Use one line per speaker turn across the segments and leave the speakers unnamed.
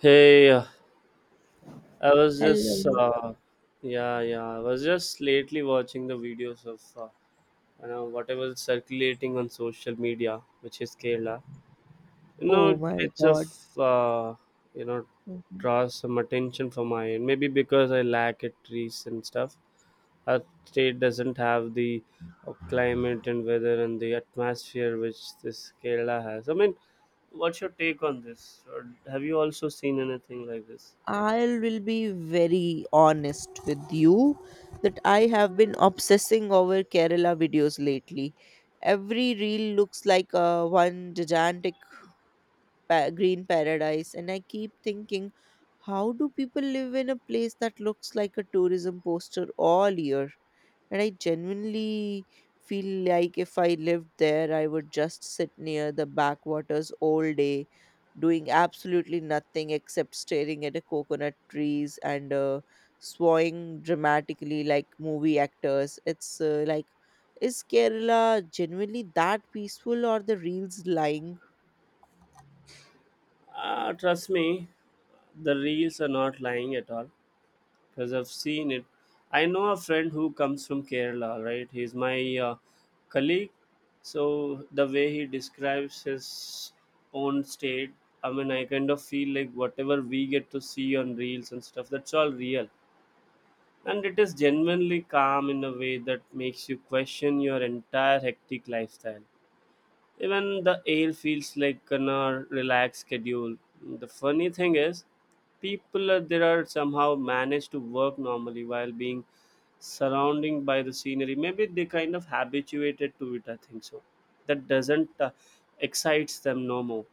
Hey, uh, I was just
Hello.
yeah, yeah. I was just lately watching the videos of you know whatever is circulating on social media, which is Kerala. You
Oh
know,
my
it's of
God.
uh, you know draws some attention from my end. Maybe because I lack it trees and stuff. Our state doesn't have the climate and weather and the atmosphere which this Kerala has. I mean, what's your take on this? Or have you also seen anything like this?
I will be very honest with you that I have been obsessing over Kerala videos lately. Every reel looks like one gigantic green paradise, and I keep thinking, how do people live in a place that looks like a tourism poster all year? And I genuinely feel like if I lived there, I would just sit near the backwaters all day, doing absolutely nothing except staring at the coconut trees and swaying dramatically like movie actors. It's like, is Kerala genuinely that peaceful or the reels lying?
Trust me, the reels are not lying at all because I've seen it. I know a friend who comes from Kerala, right? He's my colleague. So the way he describes his own state, I mean, I kind of feel like whatever we get to see on reels and stuff, that's all real. And it is genuinely calm in a way that makes you question your entire hectic lifestyle. Even the air feels like on a relaxed schedule. The funny thing is, people there are somehow managed to work normally while being surrounding by the scenery. Maybe they kind of habituated to it. I think so. That doesn't excites them no more.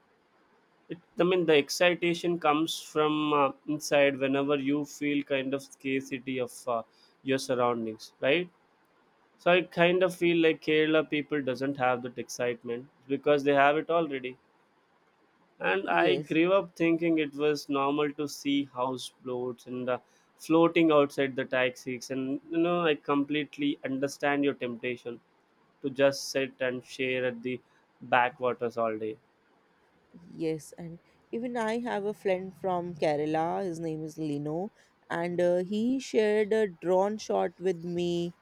I mean, the excitation comes from inside. Whenever you feel kind of scarcity of your surroundings, right? So I kind of feel like Kerala people doesn't have that excitement because they have it already. And I
Yes.
grew up thinking it was normal to see house floats and floating outside the taxis. And I completely understand your temptation to just sit and share at the backwaters all day.
Yes, and even I have a friend from Kerala. His name is Lino, and he shared a drone shot with me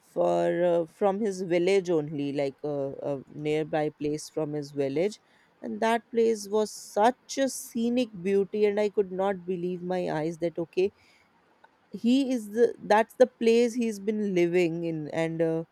for from his village only, like a nearby place from his village, and that place was such a scenic beauty, and I could not believe my eyes that okay, he is the that's the place he's been living in, and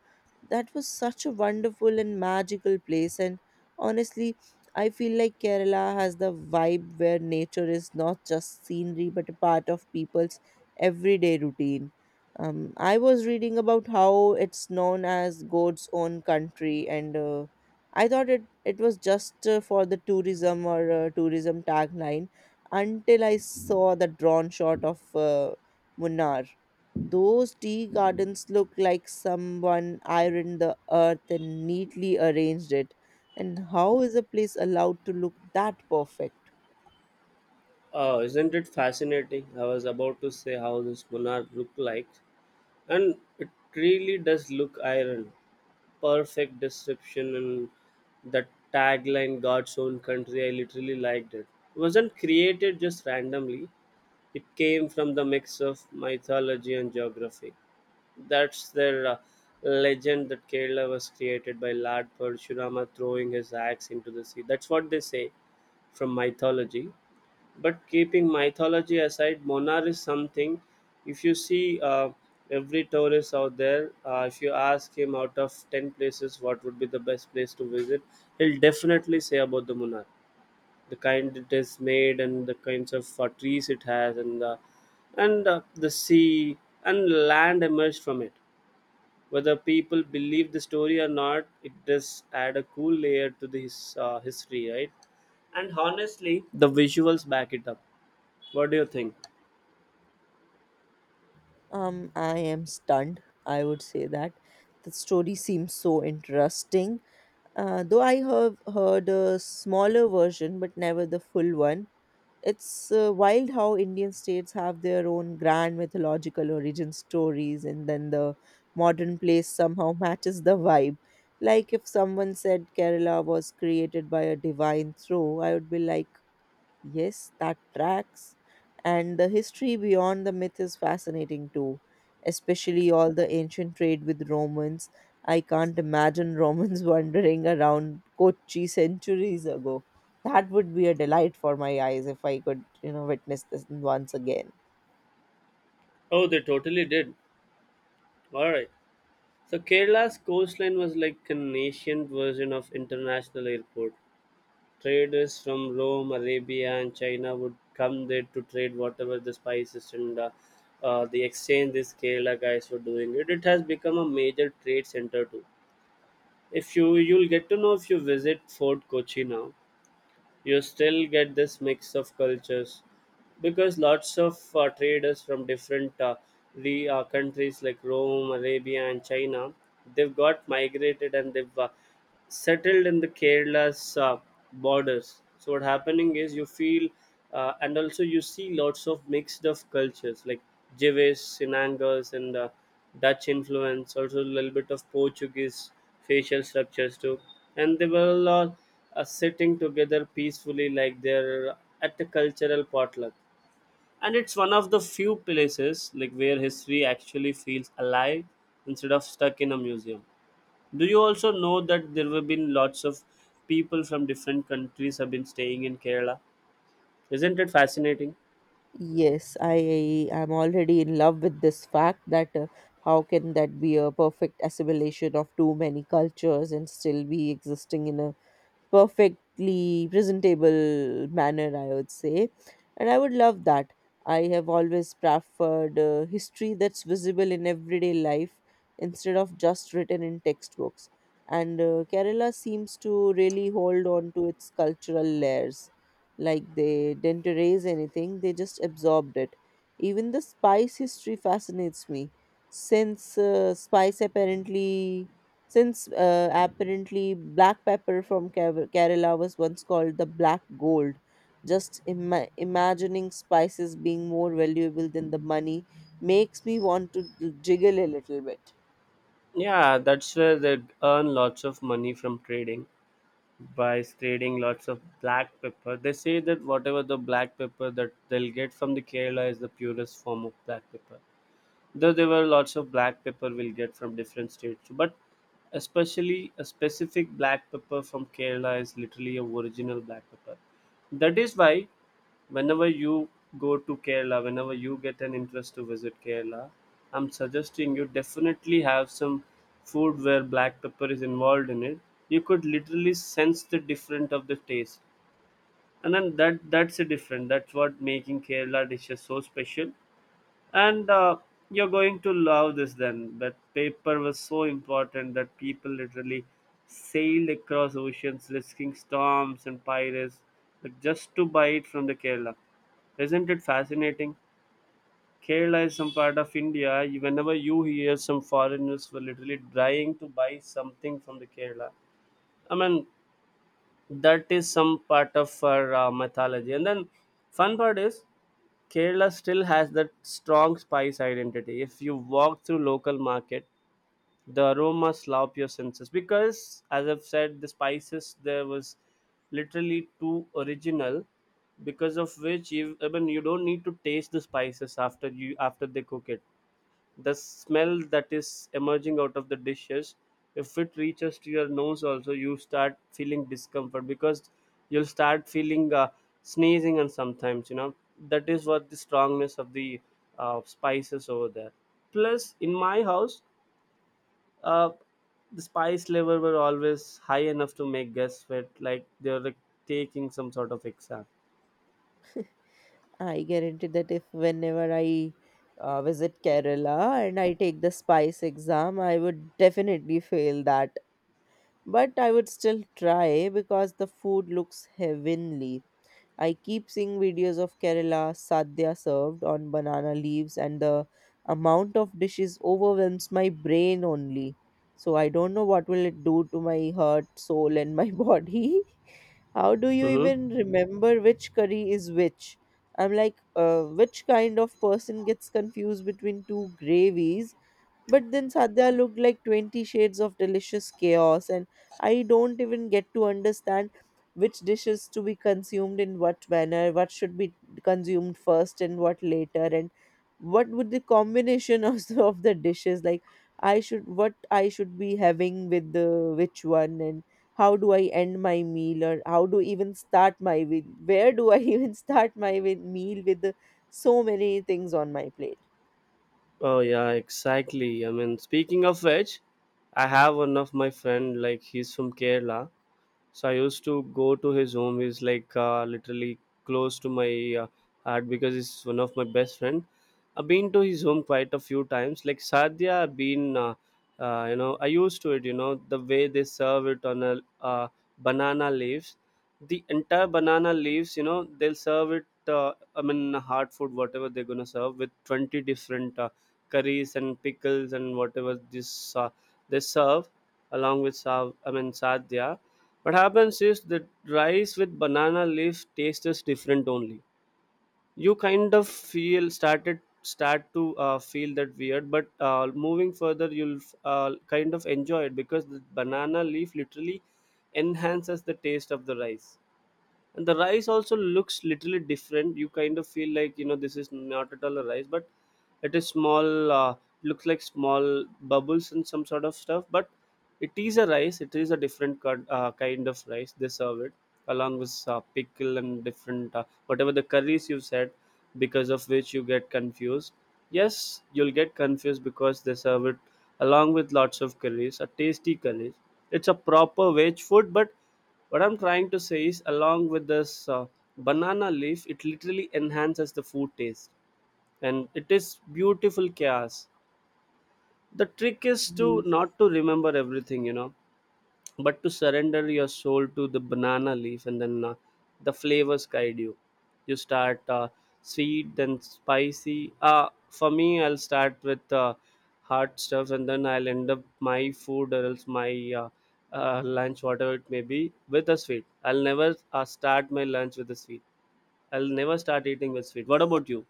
that was such a wonderful and magical place. And honestly, I feel like Kerala has the vibe where nature is not just scenery but a part of people's everyday routine. I was reading about how it's known as God's own country, and I thought it was just for the tourism or tourism tagline until I saw the drawn shot of Munnar. Those tea gardens look like someone ironed the earth and neatly arranged it. And how is a place allowed to look that perfect?
Oh, isn't it fascinating? I was about to say how this Munnar looked like, and it really does look iron. Perfect description and the tagline God's own country. I literally liked it. It wasn't created just randomly. It came from the mix of mythology and geography. That's their legend that Kerala was created by Lord Parshurama throwing his axe into the sea. That's what they say from mythology. But keeping mythology aside, Monar is something. If you see every tourist out there, if you ask him out of 10 places what would be the best place to visit, he'll definitely say about the Monar. The kind it is made and the kinds of trees it has and the sea and land emerged from it. Whether people believe the story or not, it does add a cool layer to this history, right? And honestly, the visuals back it up. What do you think?
I am stunned, I would say that. The story seems so interesting. Though I have heard a smaller version, but never the full one. It's wild how Indian states have their own grand mythological origin stories, and then the modern place somehow matches the vibe. Like if someone said Kerala was created by a divine throw, I would be like, Yes, that tracks. And the history beyond the myth is fascinating too, especially all the ancient trade with Romans. I can't imagine Romans wandering around Kochi centuries ago. That would be a delight for my eyes if I could witness this once again.
Oh, they totally did. All right. So Kerala's coastline was like an ancient version of international airport. Traders from Rome, Arabia, and China would come there to trade whatever the spices and the exchange these Kerala guys were doing. It has become a major trade center too. If you'll get to know if you visit Fort Kochi now, you still get this mix of cultures because lots of traders from different countries like Rome, Arabia, and China, they've got migrated and they've settled in the Kerala's borders. So what happening is you feel and also you see lots of mixed of cultures like Jewish, Sinangas, and Dutch influence, also a little bit of Portuguese facial structures too, and they were all sitting together peacefully like they're at a cultural potluck, and it's one of the few places like where history actually feels alive instead of stuck in a museum. Do you also know that there have been lots of people from different countries have been staying in Kerala? Isn't it fascinating?
Yes, I am already in love with this fact that how can that be a perfect assimilation of too many cultures and still be existing in a perfectly presentable manner, I would say. And I would love that. I have always preferred history that's visible in everyday life instead of just written in textbooks. And Kerala seems to really hold on to its cultural layers. Like they didn't erase anything, they just absorbed it. Even the spice history fascinates me, since uh, spice apparently since apparently black pepper from Kerala was once called the black gold. Just imagining spices being more valuable than the money makes me want to jiggle a little bit.
Yeah, that's where they earn lots of money from trading, by trading lots of black pepper. They say that whatever the black pepper that they'll get from the Kerala is the purest form of black pepper, though there were lots of black pepper we'll get from different states. But especially a specific black pepper from Kerala is literally a original black pepper. That is why whenever you go to Kerala, whenever you get an interest to visit Kerala, I'm suggesting you definitely have some food where black pepper is involved in it. You could literally sense the different of the taste, and then that's a different. That's what making Kerala dishes so special. And you're going to love this then, that paper was so important that people literally sailed across oceans risking storms and pirates, like, just to buy it from the Kerala. Isn't it fascinating? Kerala is some part of India. Whenever you hear some foreigners were literally trying to buy something from the Kerala, I mean, that is some part of our mythology. And then fun part is Kerala still has that strong spice identity. If you walk through local market, the aromas slap your senses because, as I've said, the spices there was literally too original, because of which I mean you don't need to taste the spices after they cook it. The smell that is emerging out of the dishes, if it reaches to your nose also, you start feeling discomfort because you'll start feeling sneezing and sometimes, you know, that is what the strongness of the spices over there. Plus in my house, uh, the spice level were always high enough to make guests sweat like they were taking some sort of exam.
I guarantee that if whenever I visit Kerala and I take the spice exam, I would definitely fail that. But I would still try because the food looks heavenly. I keep seeing videos of Kerala sadhya served on banana leaves, and the amount of dishes overwhelms my brain only. So I don't know what will it do to my heart, soul, and my body. How do you
Hmm.
even remember which curry is which? I'm like, which kind of person gets confused between two gravies, but then Sadhya looked like 20 shades of delicious chaos, and I don't even get to understand which dishes to be consumed in what manner, what should be consumed first and what later, and what would the combination of the dishes like I should what I should be having with the which one, and how do I end my meal or how do even start my meal? Where do I even start my meal so many things on my plate?
Oh yeah, exactly. I mean, speaking of which, I have one of my friend like he's from Kerala, so I used to go to his home. He's like literally close to my heart because he's one of my best friend. I've been to his home quite a few times. Like sadhya, I've been you know the way they serve it on a uh, banana leaves, the entire banana leaves, you know, they'll serve it, I mean hard food whatever they're gonna serve with 20 different curries and pickles and whatever this they serve along with sav I mean sadhya. What happens is that rice with banana leaf taste is different only. You kind of feel started start to feel that weird, but moving further, you'll kind of enjoy it because the banana leaf literally enhances the taste of the rice. And the rice also looks literally different. You kind of feel like, you know, this is not at all a rice, but it is small looks like small bubbles and some sort of stuff. But it is a rice. It is a different cut, kind of rice they serve it along with pickle and different whatever the curries you said, because of which you get confused. Yes, you'll get confused because they serve it along with lots of curries, a tasty curries. It's a proper veg food. But what I'm trying to say is along with this banana leaf, it literally enhances the food taste, and it is beautiful chaos. The trick is to
Yes.
not to remember everything, you know, but to surrender your soul to the banana leaf, and then the flavors guide you. You start sweet then spicy. For me, I'll start with hot stuff, and then I'll end up my food or else my uh, lunch whatever it may be with a sweet. I'll never start my lunch with a sweet. I'll never start eating with sweet. What about you?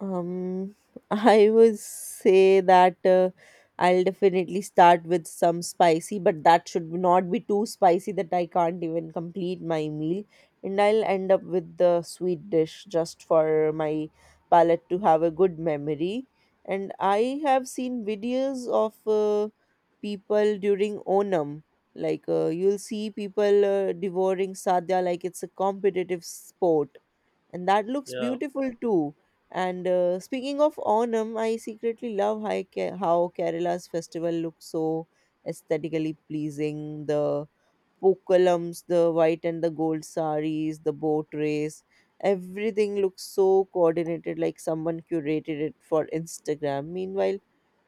Um, I would say that I'll definitely start with some spicy, but that should not be too spicy that I can't even complete my meal. And I'll end up with the sweet dish just for my palate to have a good memory. And I have seen videos of people during Onam. Like you'll see people devouring sadhya like it's a competitive sport, and that looks
Yeah.
beautiful too. And speaking of Onam, I secretly love how Kerala's festival looks so aesthetically pleasing. The Pokalams, the white and the gold saris, the boat race. Everything looks so coordinated, like someone curated it for Instagram. Meanwhile,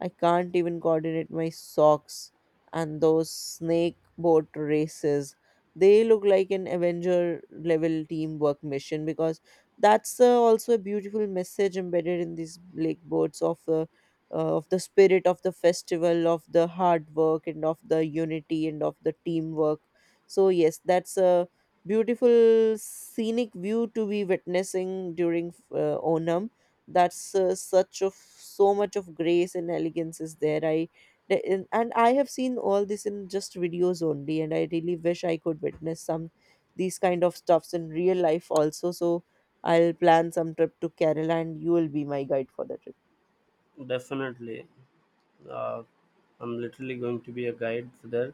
I can't even coordinate my socks and those snake boat races. They look like an Avenger level teamwork mission, because that's also a beautiful message embedded in these lake boats of the spirit of the festival, of the hard work, and of the unity and of the teamwork. So, yes, that's a beautiful scenic view to be witnessing during Onam. That's such of so much of grace and elegance is there. And I have seen all this in just videos only, and I really wish I could witness some these kind of stuffs in real life also. So I'll plan some trip to Kerala, and you will be my guide for the trip.
Definitely. uh, I'm literally going to be a guide there.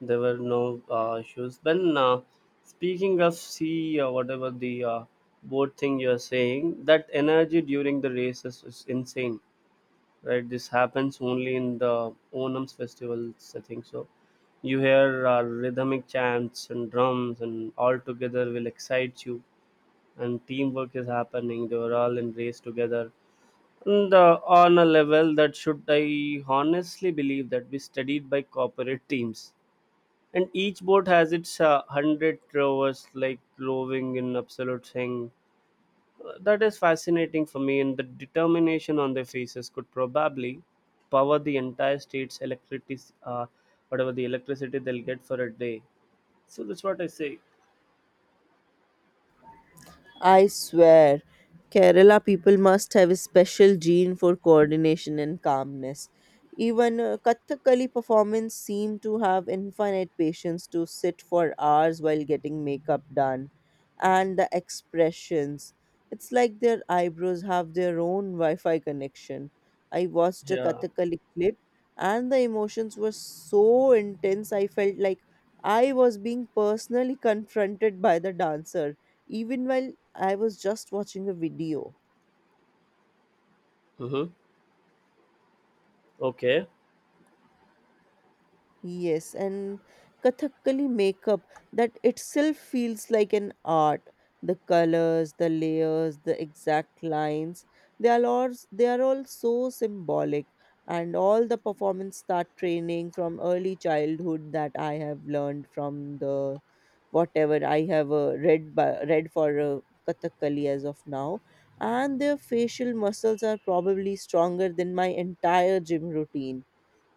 There were no issues. When speaking of sea or whatever the boat thing you're saying, that energy during the races is insane, right? This happens only in the Onam's festivals, I think so. You hear rhythmic chants and drums, and all together will excite you. And teamwork is happening. They were all in race together and, on a level that should I honestly believe that we studied by corporate teams, and each boat has its 100 rowers like rowing in absolute thing. That is fascinating for me, and the determination on their faces could probably power the entire state's electricity, uh, whatever the electricity they'll get for a day. So that's what I say.
I swear, Kerala people must have a special gene for coordination and calmness. Even Kathakali performance seem to have infinite patience to sit for hours while getting makeup done. And the expressions. It's like their eyebrows have their own Wi Fi connection. I watched a
Yeah.
Kathakali clip, and the emotions were so intense, I felt like I was being personally confronted by the dancer even while I was just watching a video.
Mm-hmm. Okay.
Yes, and Kathakali makeup, that itself feels like an art. The colors, the layers, the exact lines, they are all so symbolic. And all the performance start training from early childhood that I have learned from the whatever I have read for Kathakali as of now. And their facial muscles are probably stronger than my entire gym routine,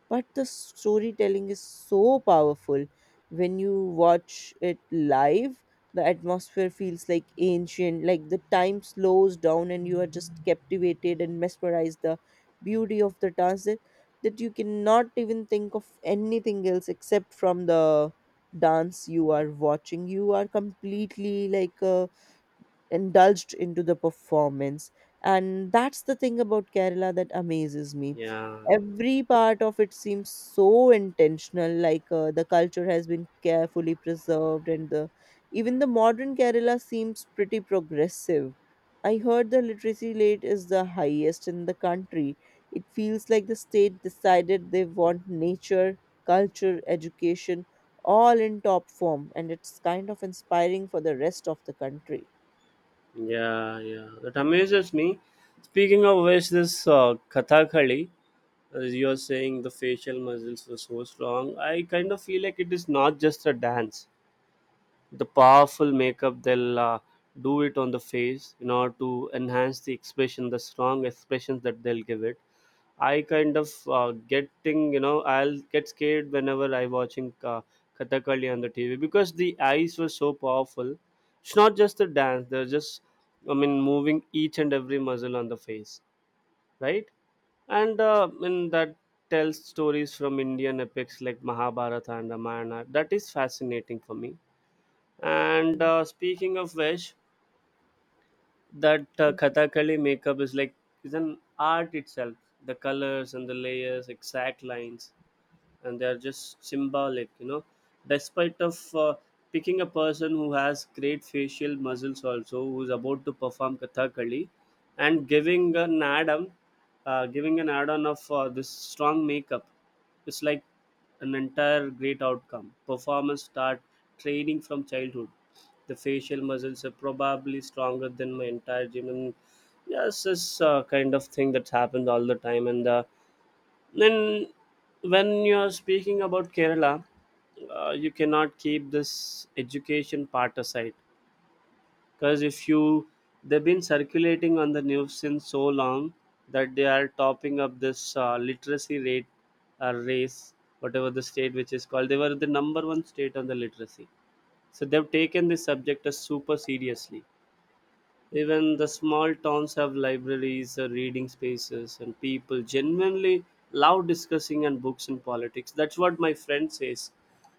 but the storytelling is so powerful when you watch it live. The atmosphere feels like ancient. Like the time slows down and you are just captivated and mesmerized. The beauty of the dance, that you cannot even think of anything else except from the dance you are watching. You are completely like indulged into the performance. And that's the thing about Kerala that amazes me.
Yeah.
Every part of it seems so intentional, like the culture has been carefully preserved, and the even the modern Kerala seems pretty progressive. I heard the literacy rate is the highest in the country. It feels like the state decided they want nature, culture, education, all in top form, and it's kind of inspiring for the rest of the country.
Yeah, yeah, that amazes me. Speaking of which, this Kathakali, as you're saying, the facial muscles were so strong. I kind of feel like it is not just a dance. The powerful makeup they'll do it on the face in order to enhance the expression, the strong expressions that they'll give it. I kind of getting, you know, I'll get scared whenever I watching Kathakali on the TV because the eyes were so powerful. It's not just the dance; they're just, I mean, moving each and every muscle on the face, right? And I mean that tells stories from Indian epics like Mahabharata and Ramayana. That is fascinating for me. And speaking of which, that Kathakali makeup is an art itself. The colors and the layers, exact lines, and they are just symbolic, despite of picking a person who has great facial muscles also, who's about to perform kathakali and giving an add-on of this strong makeup. It's like an entire great outcome. Performers start training from childhood. The facial muscles are probably stronger than my entire gym. And yes, this a kind of thing that's happened all the time. And Then, when you're speaking about Kerala, you cannot keep this education part aside, because if you— they've been circulating on the news since so long that they are topping up this literacy rate or race, whatever the state which is called. They were the number one state on the literacy, so they've taken this subject as super seriously. Even the small towns have libraries, reading spaces, and people genuinely love discussing and books and politics. That's what my friend says.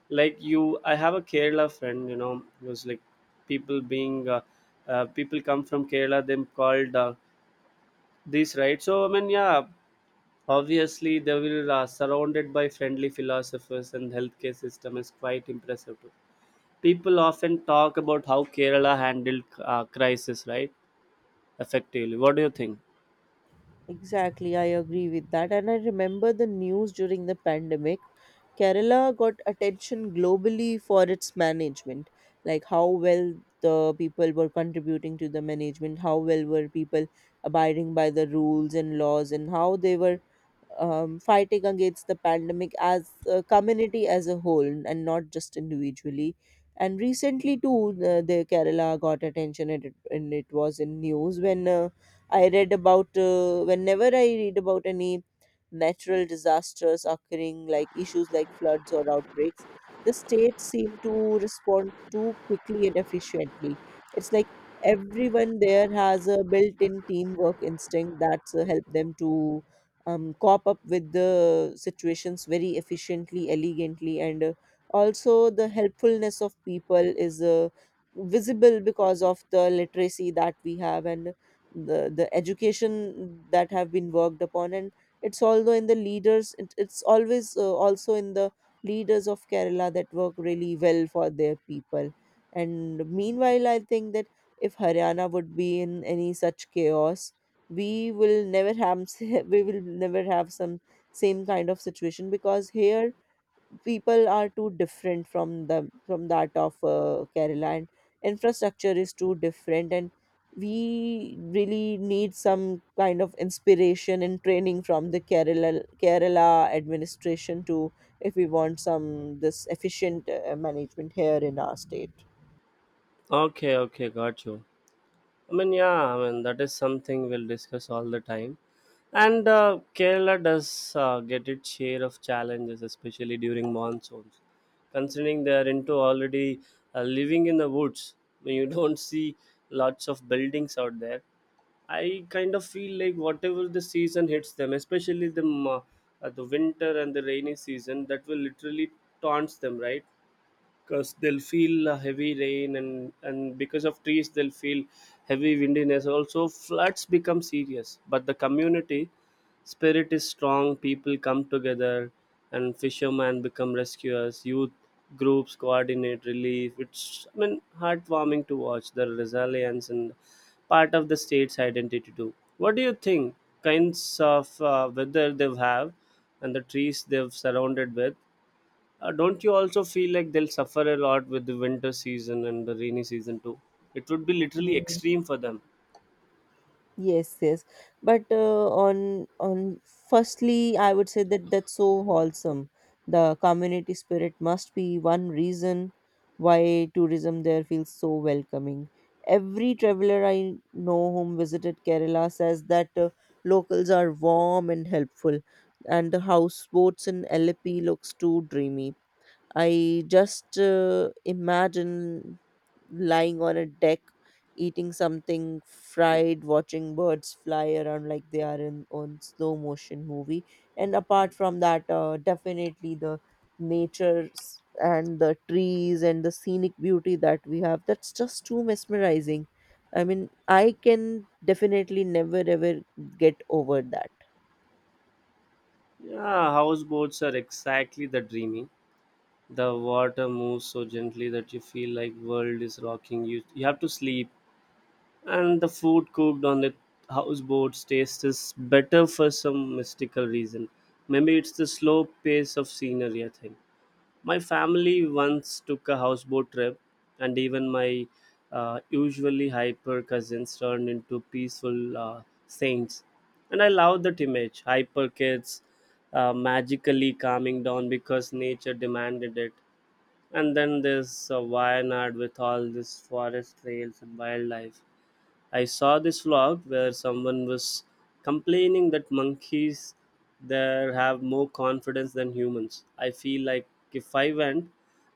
Like you, I have a Kerala friend. You know, it was like people being people come from Kerala. Them called this right. So I mean, yeah, obviously they will surrounded by friendly philosophers, and healthcare system is quite impressive. Too. People often talk about how Kerala handled crisis, right? Effectively. What do you think?
Exactly, I agree with that. And I remember the news during the pandemic. Kerala got attention globally for its management, like how well the people were contributing to the management, how well were people abiding by the rules and laws, and how they were fighting against the pandemic as a community as a whole and not just individually. And recently, too, the Kerala got attention, and it was in news whenever I read about any natural disasters occurring, like issues like floods or outbreaks. The states seem to respond too quickly and efficiently. It's like everyone there has a built in teamwork instinct that's helped them to cop up with the situations very efficiently, elegantly, and also the helpfulness of people is visible because of the literacy that we have, and the education that have been worked upon. And it's although in the leaders, it's always also in the leaders of Kerala that work really well for their people. And meanwhile, I think that if Haryana would be in any such chaos, we will never have we will never have some same kind of situation, because here people are too different from the from that of Kerala, and infrastructure is too different, and we really need some kind of inspiration and training from the Kerala administration to if we want some this efficient management here in our state.
Okay, okay, got you. I mean, yeah, I mean, that is something we'll discuss all the time. And Kerala does get its share of challenges, especially during monsoons. Considering they are into already living in the woods, when you don't see lots of buildings out there, I kind of feel like whatever the season hits them, especially the winter and the rainy season, that will literally taunts them, right? Because they'll feel heavy rain, and because of trees they'll feel heavy windiness. Also, floods become serious, but the community spirit is strong. People come together and fishermen become rescuers, youth groups coordinate relief. It's, I mean, heartwarming to watch the resilience, and part of the state's identity too. What do you think kinds of weather they've have and the trees they've surrounded with? Don't you also feel like they'll suffer a lot with the winter season and the rainy season too? It would be literally extreme for them.
Yes, yes. But on firstly, I would say that that's so wholesome. The community spirit must be one reason why tourism there feels so welcoming. Every traveler I know whom visited Kerala says that locals are warm and helpful, and the houseboats in Alleppey looks too dreamy. I just imagine lying on a deck, eating something fried, watching birds fly around like they are in on slow motion movie. And apart from that, definitely the nature, and the trees and the scenic beauty that we have, that's just too mesmerizing. I mean, I can definitely never ever get over that.
Yeah, houseboats are exactly the dreamy. The water moves so gently that you feel like world is rocking you. You have to sleep, and the food cooked on the houseboats tastes better for some mystical reason. Maybe it's the slow pace of scenery, I think. My family once took a houseboat trip, and even my usually hyper cousins turned into peaceful saints. And I love that image: hyper kids magically calming down because nature demanded it. And then there's Wayanad with all these forest trails and wildlife. I saw this vlog where someone was complaining that monkeys there have more confidence than humans. I feel like if I went,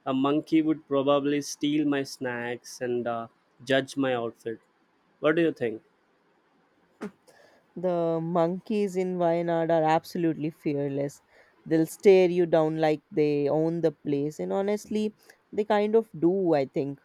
a monkey would probably steal my snacks and judge my outfit. What do you think?
The monkeys in Wayanad are absolutely fearless. They'll stare you down like they own the place. And honestly, they kind of do, I think.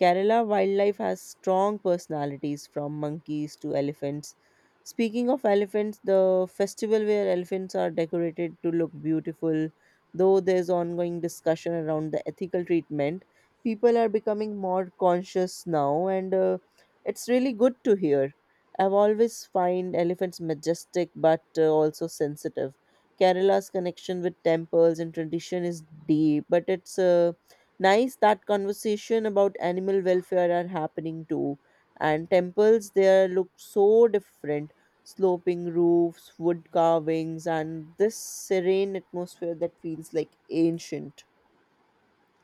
Kerala wildlife has strong personalities from monkeys to elephants. Speaking of elephants, the festival where elephants are decorated to look beautiful, though there's ongoing discussion around the ethical treatment, people are becoming more conscious now, and it's really good to hear. I've always find elephants majestic, but also sensitive. Kerala's connection with temples and tradition is deep, but it's nice that conversation about animal welfare are happening too. And temples there look so different — sloping roofs, wood carvings, and this serene atmosphere that feels like ancient.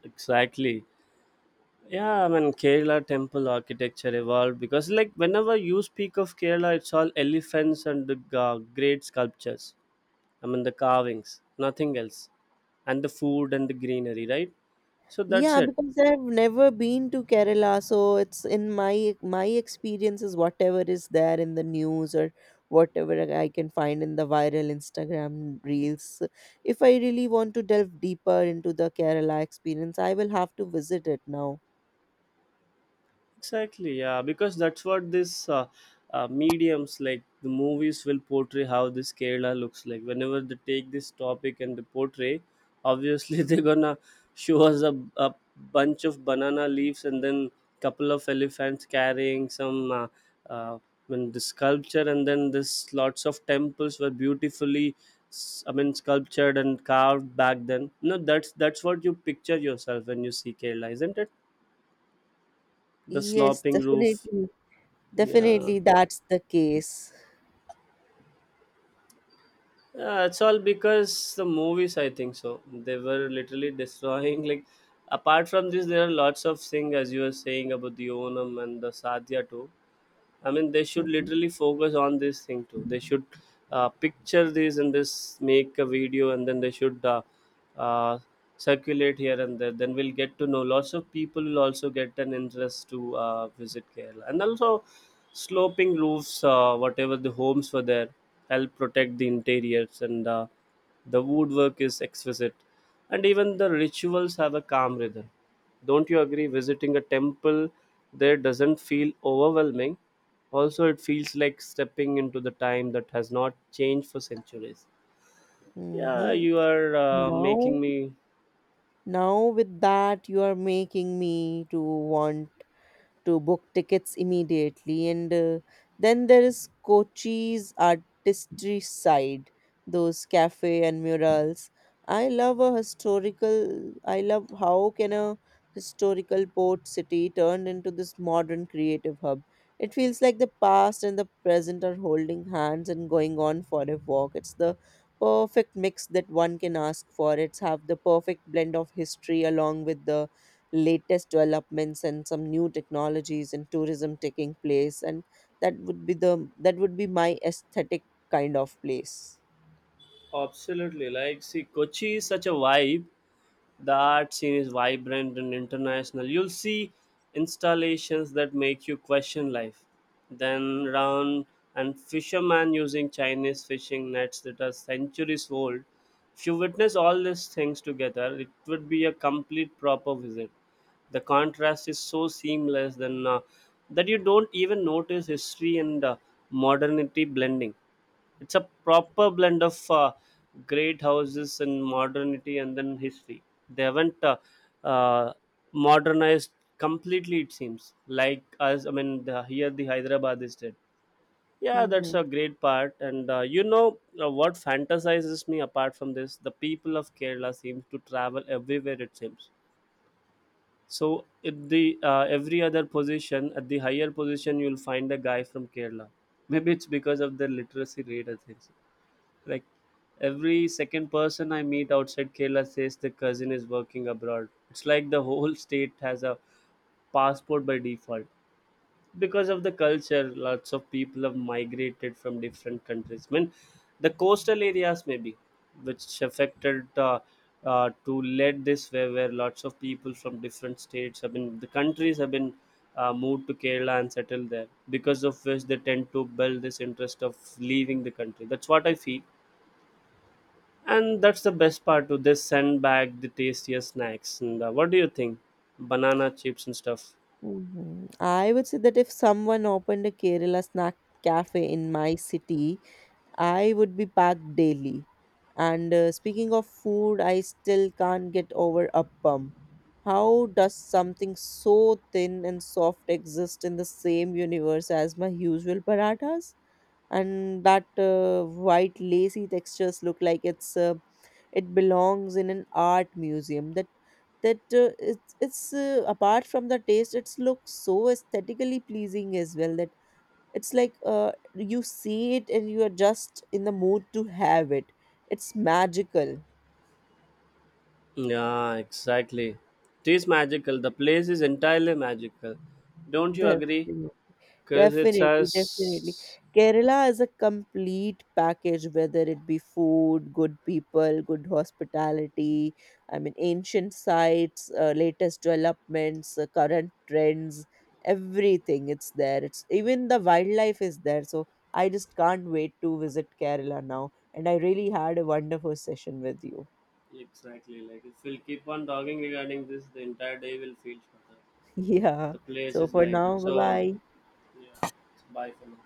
Exactly. Yeah, I mean Kerala temple architecture evolved because like whenever you speak of Kerala, it's all elephants and the great sculptures. I mean, the carvings, nothing else. And the food and the greenery, right? So that's
Yeah,
it.
because I've never been to Kerala, so it's in my my experience is whatever is there in the news or whatever I can find in the viral Instagram reels. If I really want to delve deeper into the Kerala experience, I will have to visit it now.
Exactly, yeah, because that's what this mediums like the movies will portray how this Kerala looks like. Whenever they take this topic and they portray, obviously they're gonna show us a bunch of banana leaves, and then couple of elephants carrying some uh, I mean, the sculpture, and then this lots of temples were beautifully I mean sculptured and carved back then. No, that's what you picture yourself when you see Kerala, isn't it? The
Yes,
sloping roof,
definitely.
yeah.
Definitely, that's the case.
Yeah, it's all because the movies, I think so. They were literally destroying. Like, apart from this, there are lots of things, as you were saying about the Onam and the Sadhya too. I mean, they should
Mm-hmm.
literally focus on this thing too. They should picture this and this, make a video, and then they should uh, circulate here and there. Then we'll get to know, lots of people will also get an interest to visit Kerala. And also, sloping roofs, whatever the homes were there, help protect the interiors, and the woodwork is exquisite, and even the rituals have a calm rhythm. Don't you agree? Visiting a temple there doesn't feel overwhelming. Also, it feels like stepping into the time that has not changed for centuries. Yeah,
hmm
you are
Now,
making me
now with that, you are making me to want to book tickets immediately. And then there is Kochi's artistry side, those cafe and murals. I love how can a historical port city turned into this modern creative hub. It feels like the past and the present are holding hands and going on for a walk. It's the perfect mix that one can ask for. It's have the perfect blend of history along with the latest developments and some new technologies and tourism taking place, and that would be my aesthetic kind of place.
absolutely like. See, Kochi is such a vibe. The art scene is vibrant and international. You'll see installations that make you question life. Then round, and fishermen using Chinese fishing nets that are centuries old. If you witness all these things together, it would be a complete proper visit. The contrast is so seamless, then that you don't even notice history and modernity blending. It's a proper blend of great houses and modernity and then history. They haven't uh, modernized completely, it seems, like us. I mean, here the hyderabad is dead. Yeah, that's
Mm-hmm.
a great part, and you know, what fantasizes me apart from this, the people of kerala seems to travel everywhere, it seems. So at the every other position, at the higher position, you'll find a guy from Kerala. Maybe it's because of their literacy rate, I think so. Like, every second person I meet outside Kerala says the cousin is working abroad. It's like the whole state has a passport by default. Because of the culture, lots of people have migrated from different countries. I mean, the coastal areas maybe, which affected to lead this way, where lots of people from different states have been, the countries have been moved to kerala and settled there, because of which they tend to build this interest of leaving the country. That's what I feel. And that's the best part to this, send back the tastier snacks and what do you think, banana chips and stuff.
Mm-hmm. I would say that if someone opened a Kerala snack cafe in my city, I would be packed daily. And speaking of food, I still can't get over appam. How does something so thin and soft exist in the same universe as my usual parathas? And that white lacy textures look like it belongs in an art museum, that it's apart from the taste, it's looks so aesthetically pleasing as well, that it's like you see it and you are just in the mood to have it. It's magical.
Yeah, exactly. It is magical. The place is entirely magical. Don't you
the
agree?
yeah.
Because it
Definitely, definitely.
has.
Kerala is a complete package, whether it be food, good people, good hospitality, I mean, ancient sites, latest developments, current trends, everything. It's there. It's even the wildlife is there. So I just can't wait to visit Kerala now. And I really had a wonderful session with you.
Exactly. Like, if we'll keep on talking regarding this, the entire day will feel shorter.
Yeah.
The place
So
is
for
like that.
now, bye
So,
bye.
yeah. Bye for now.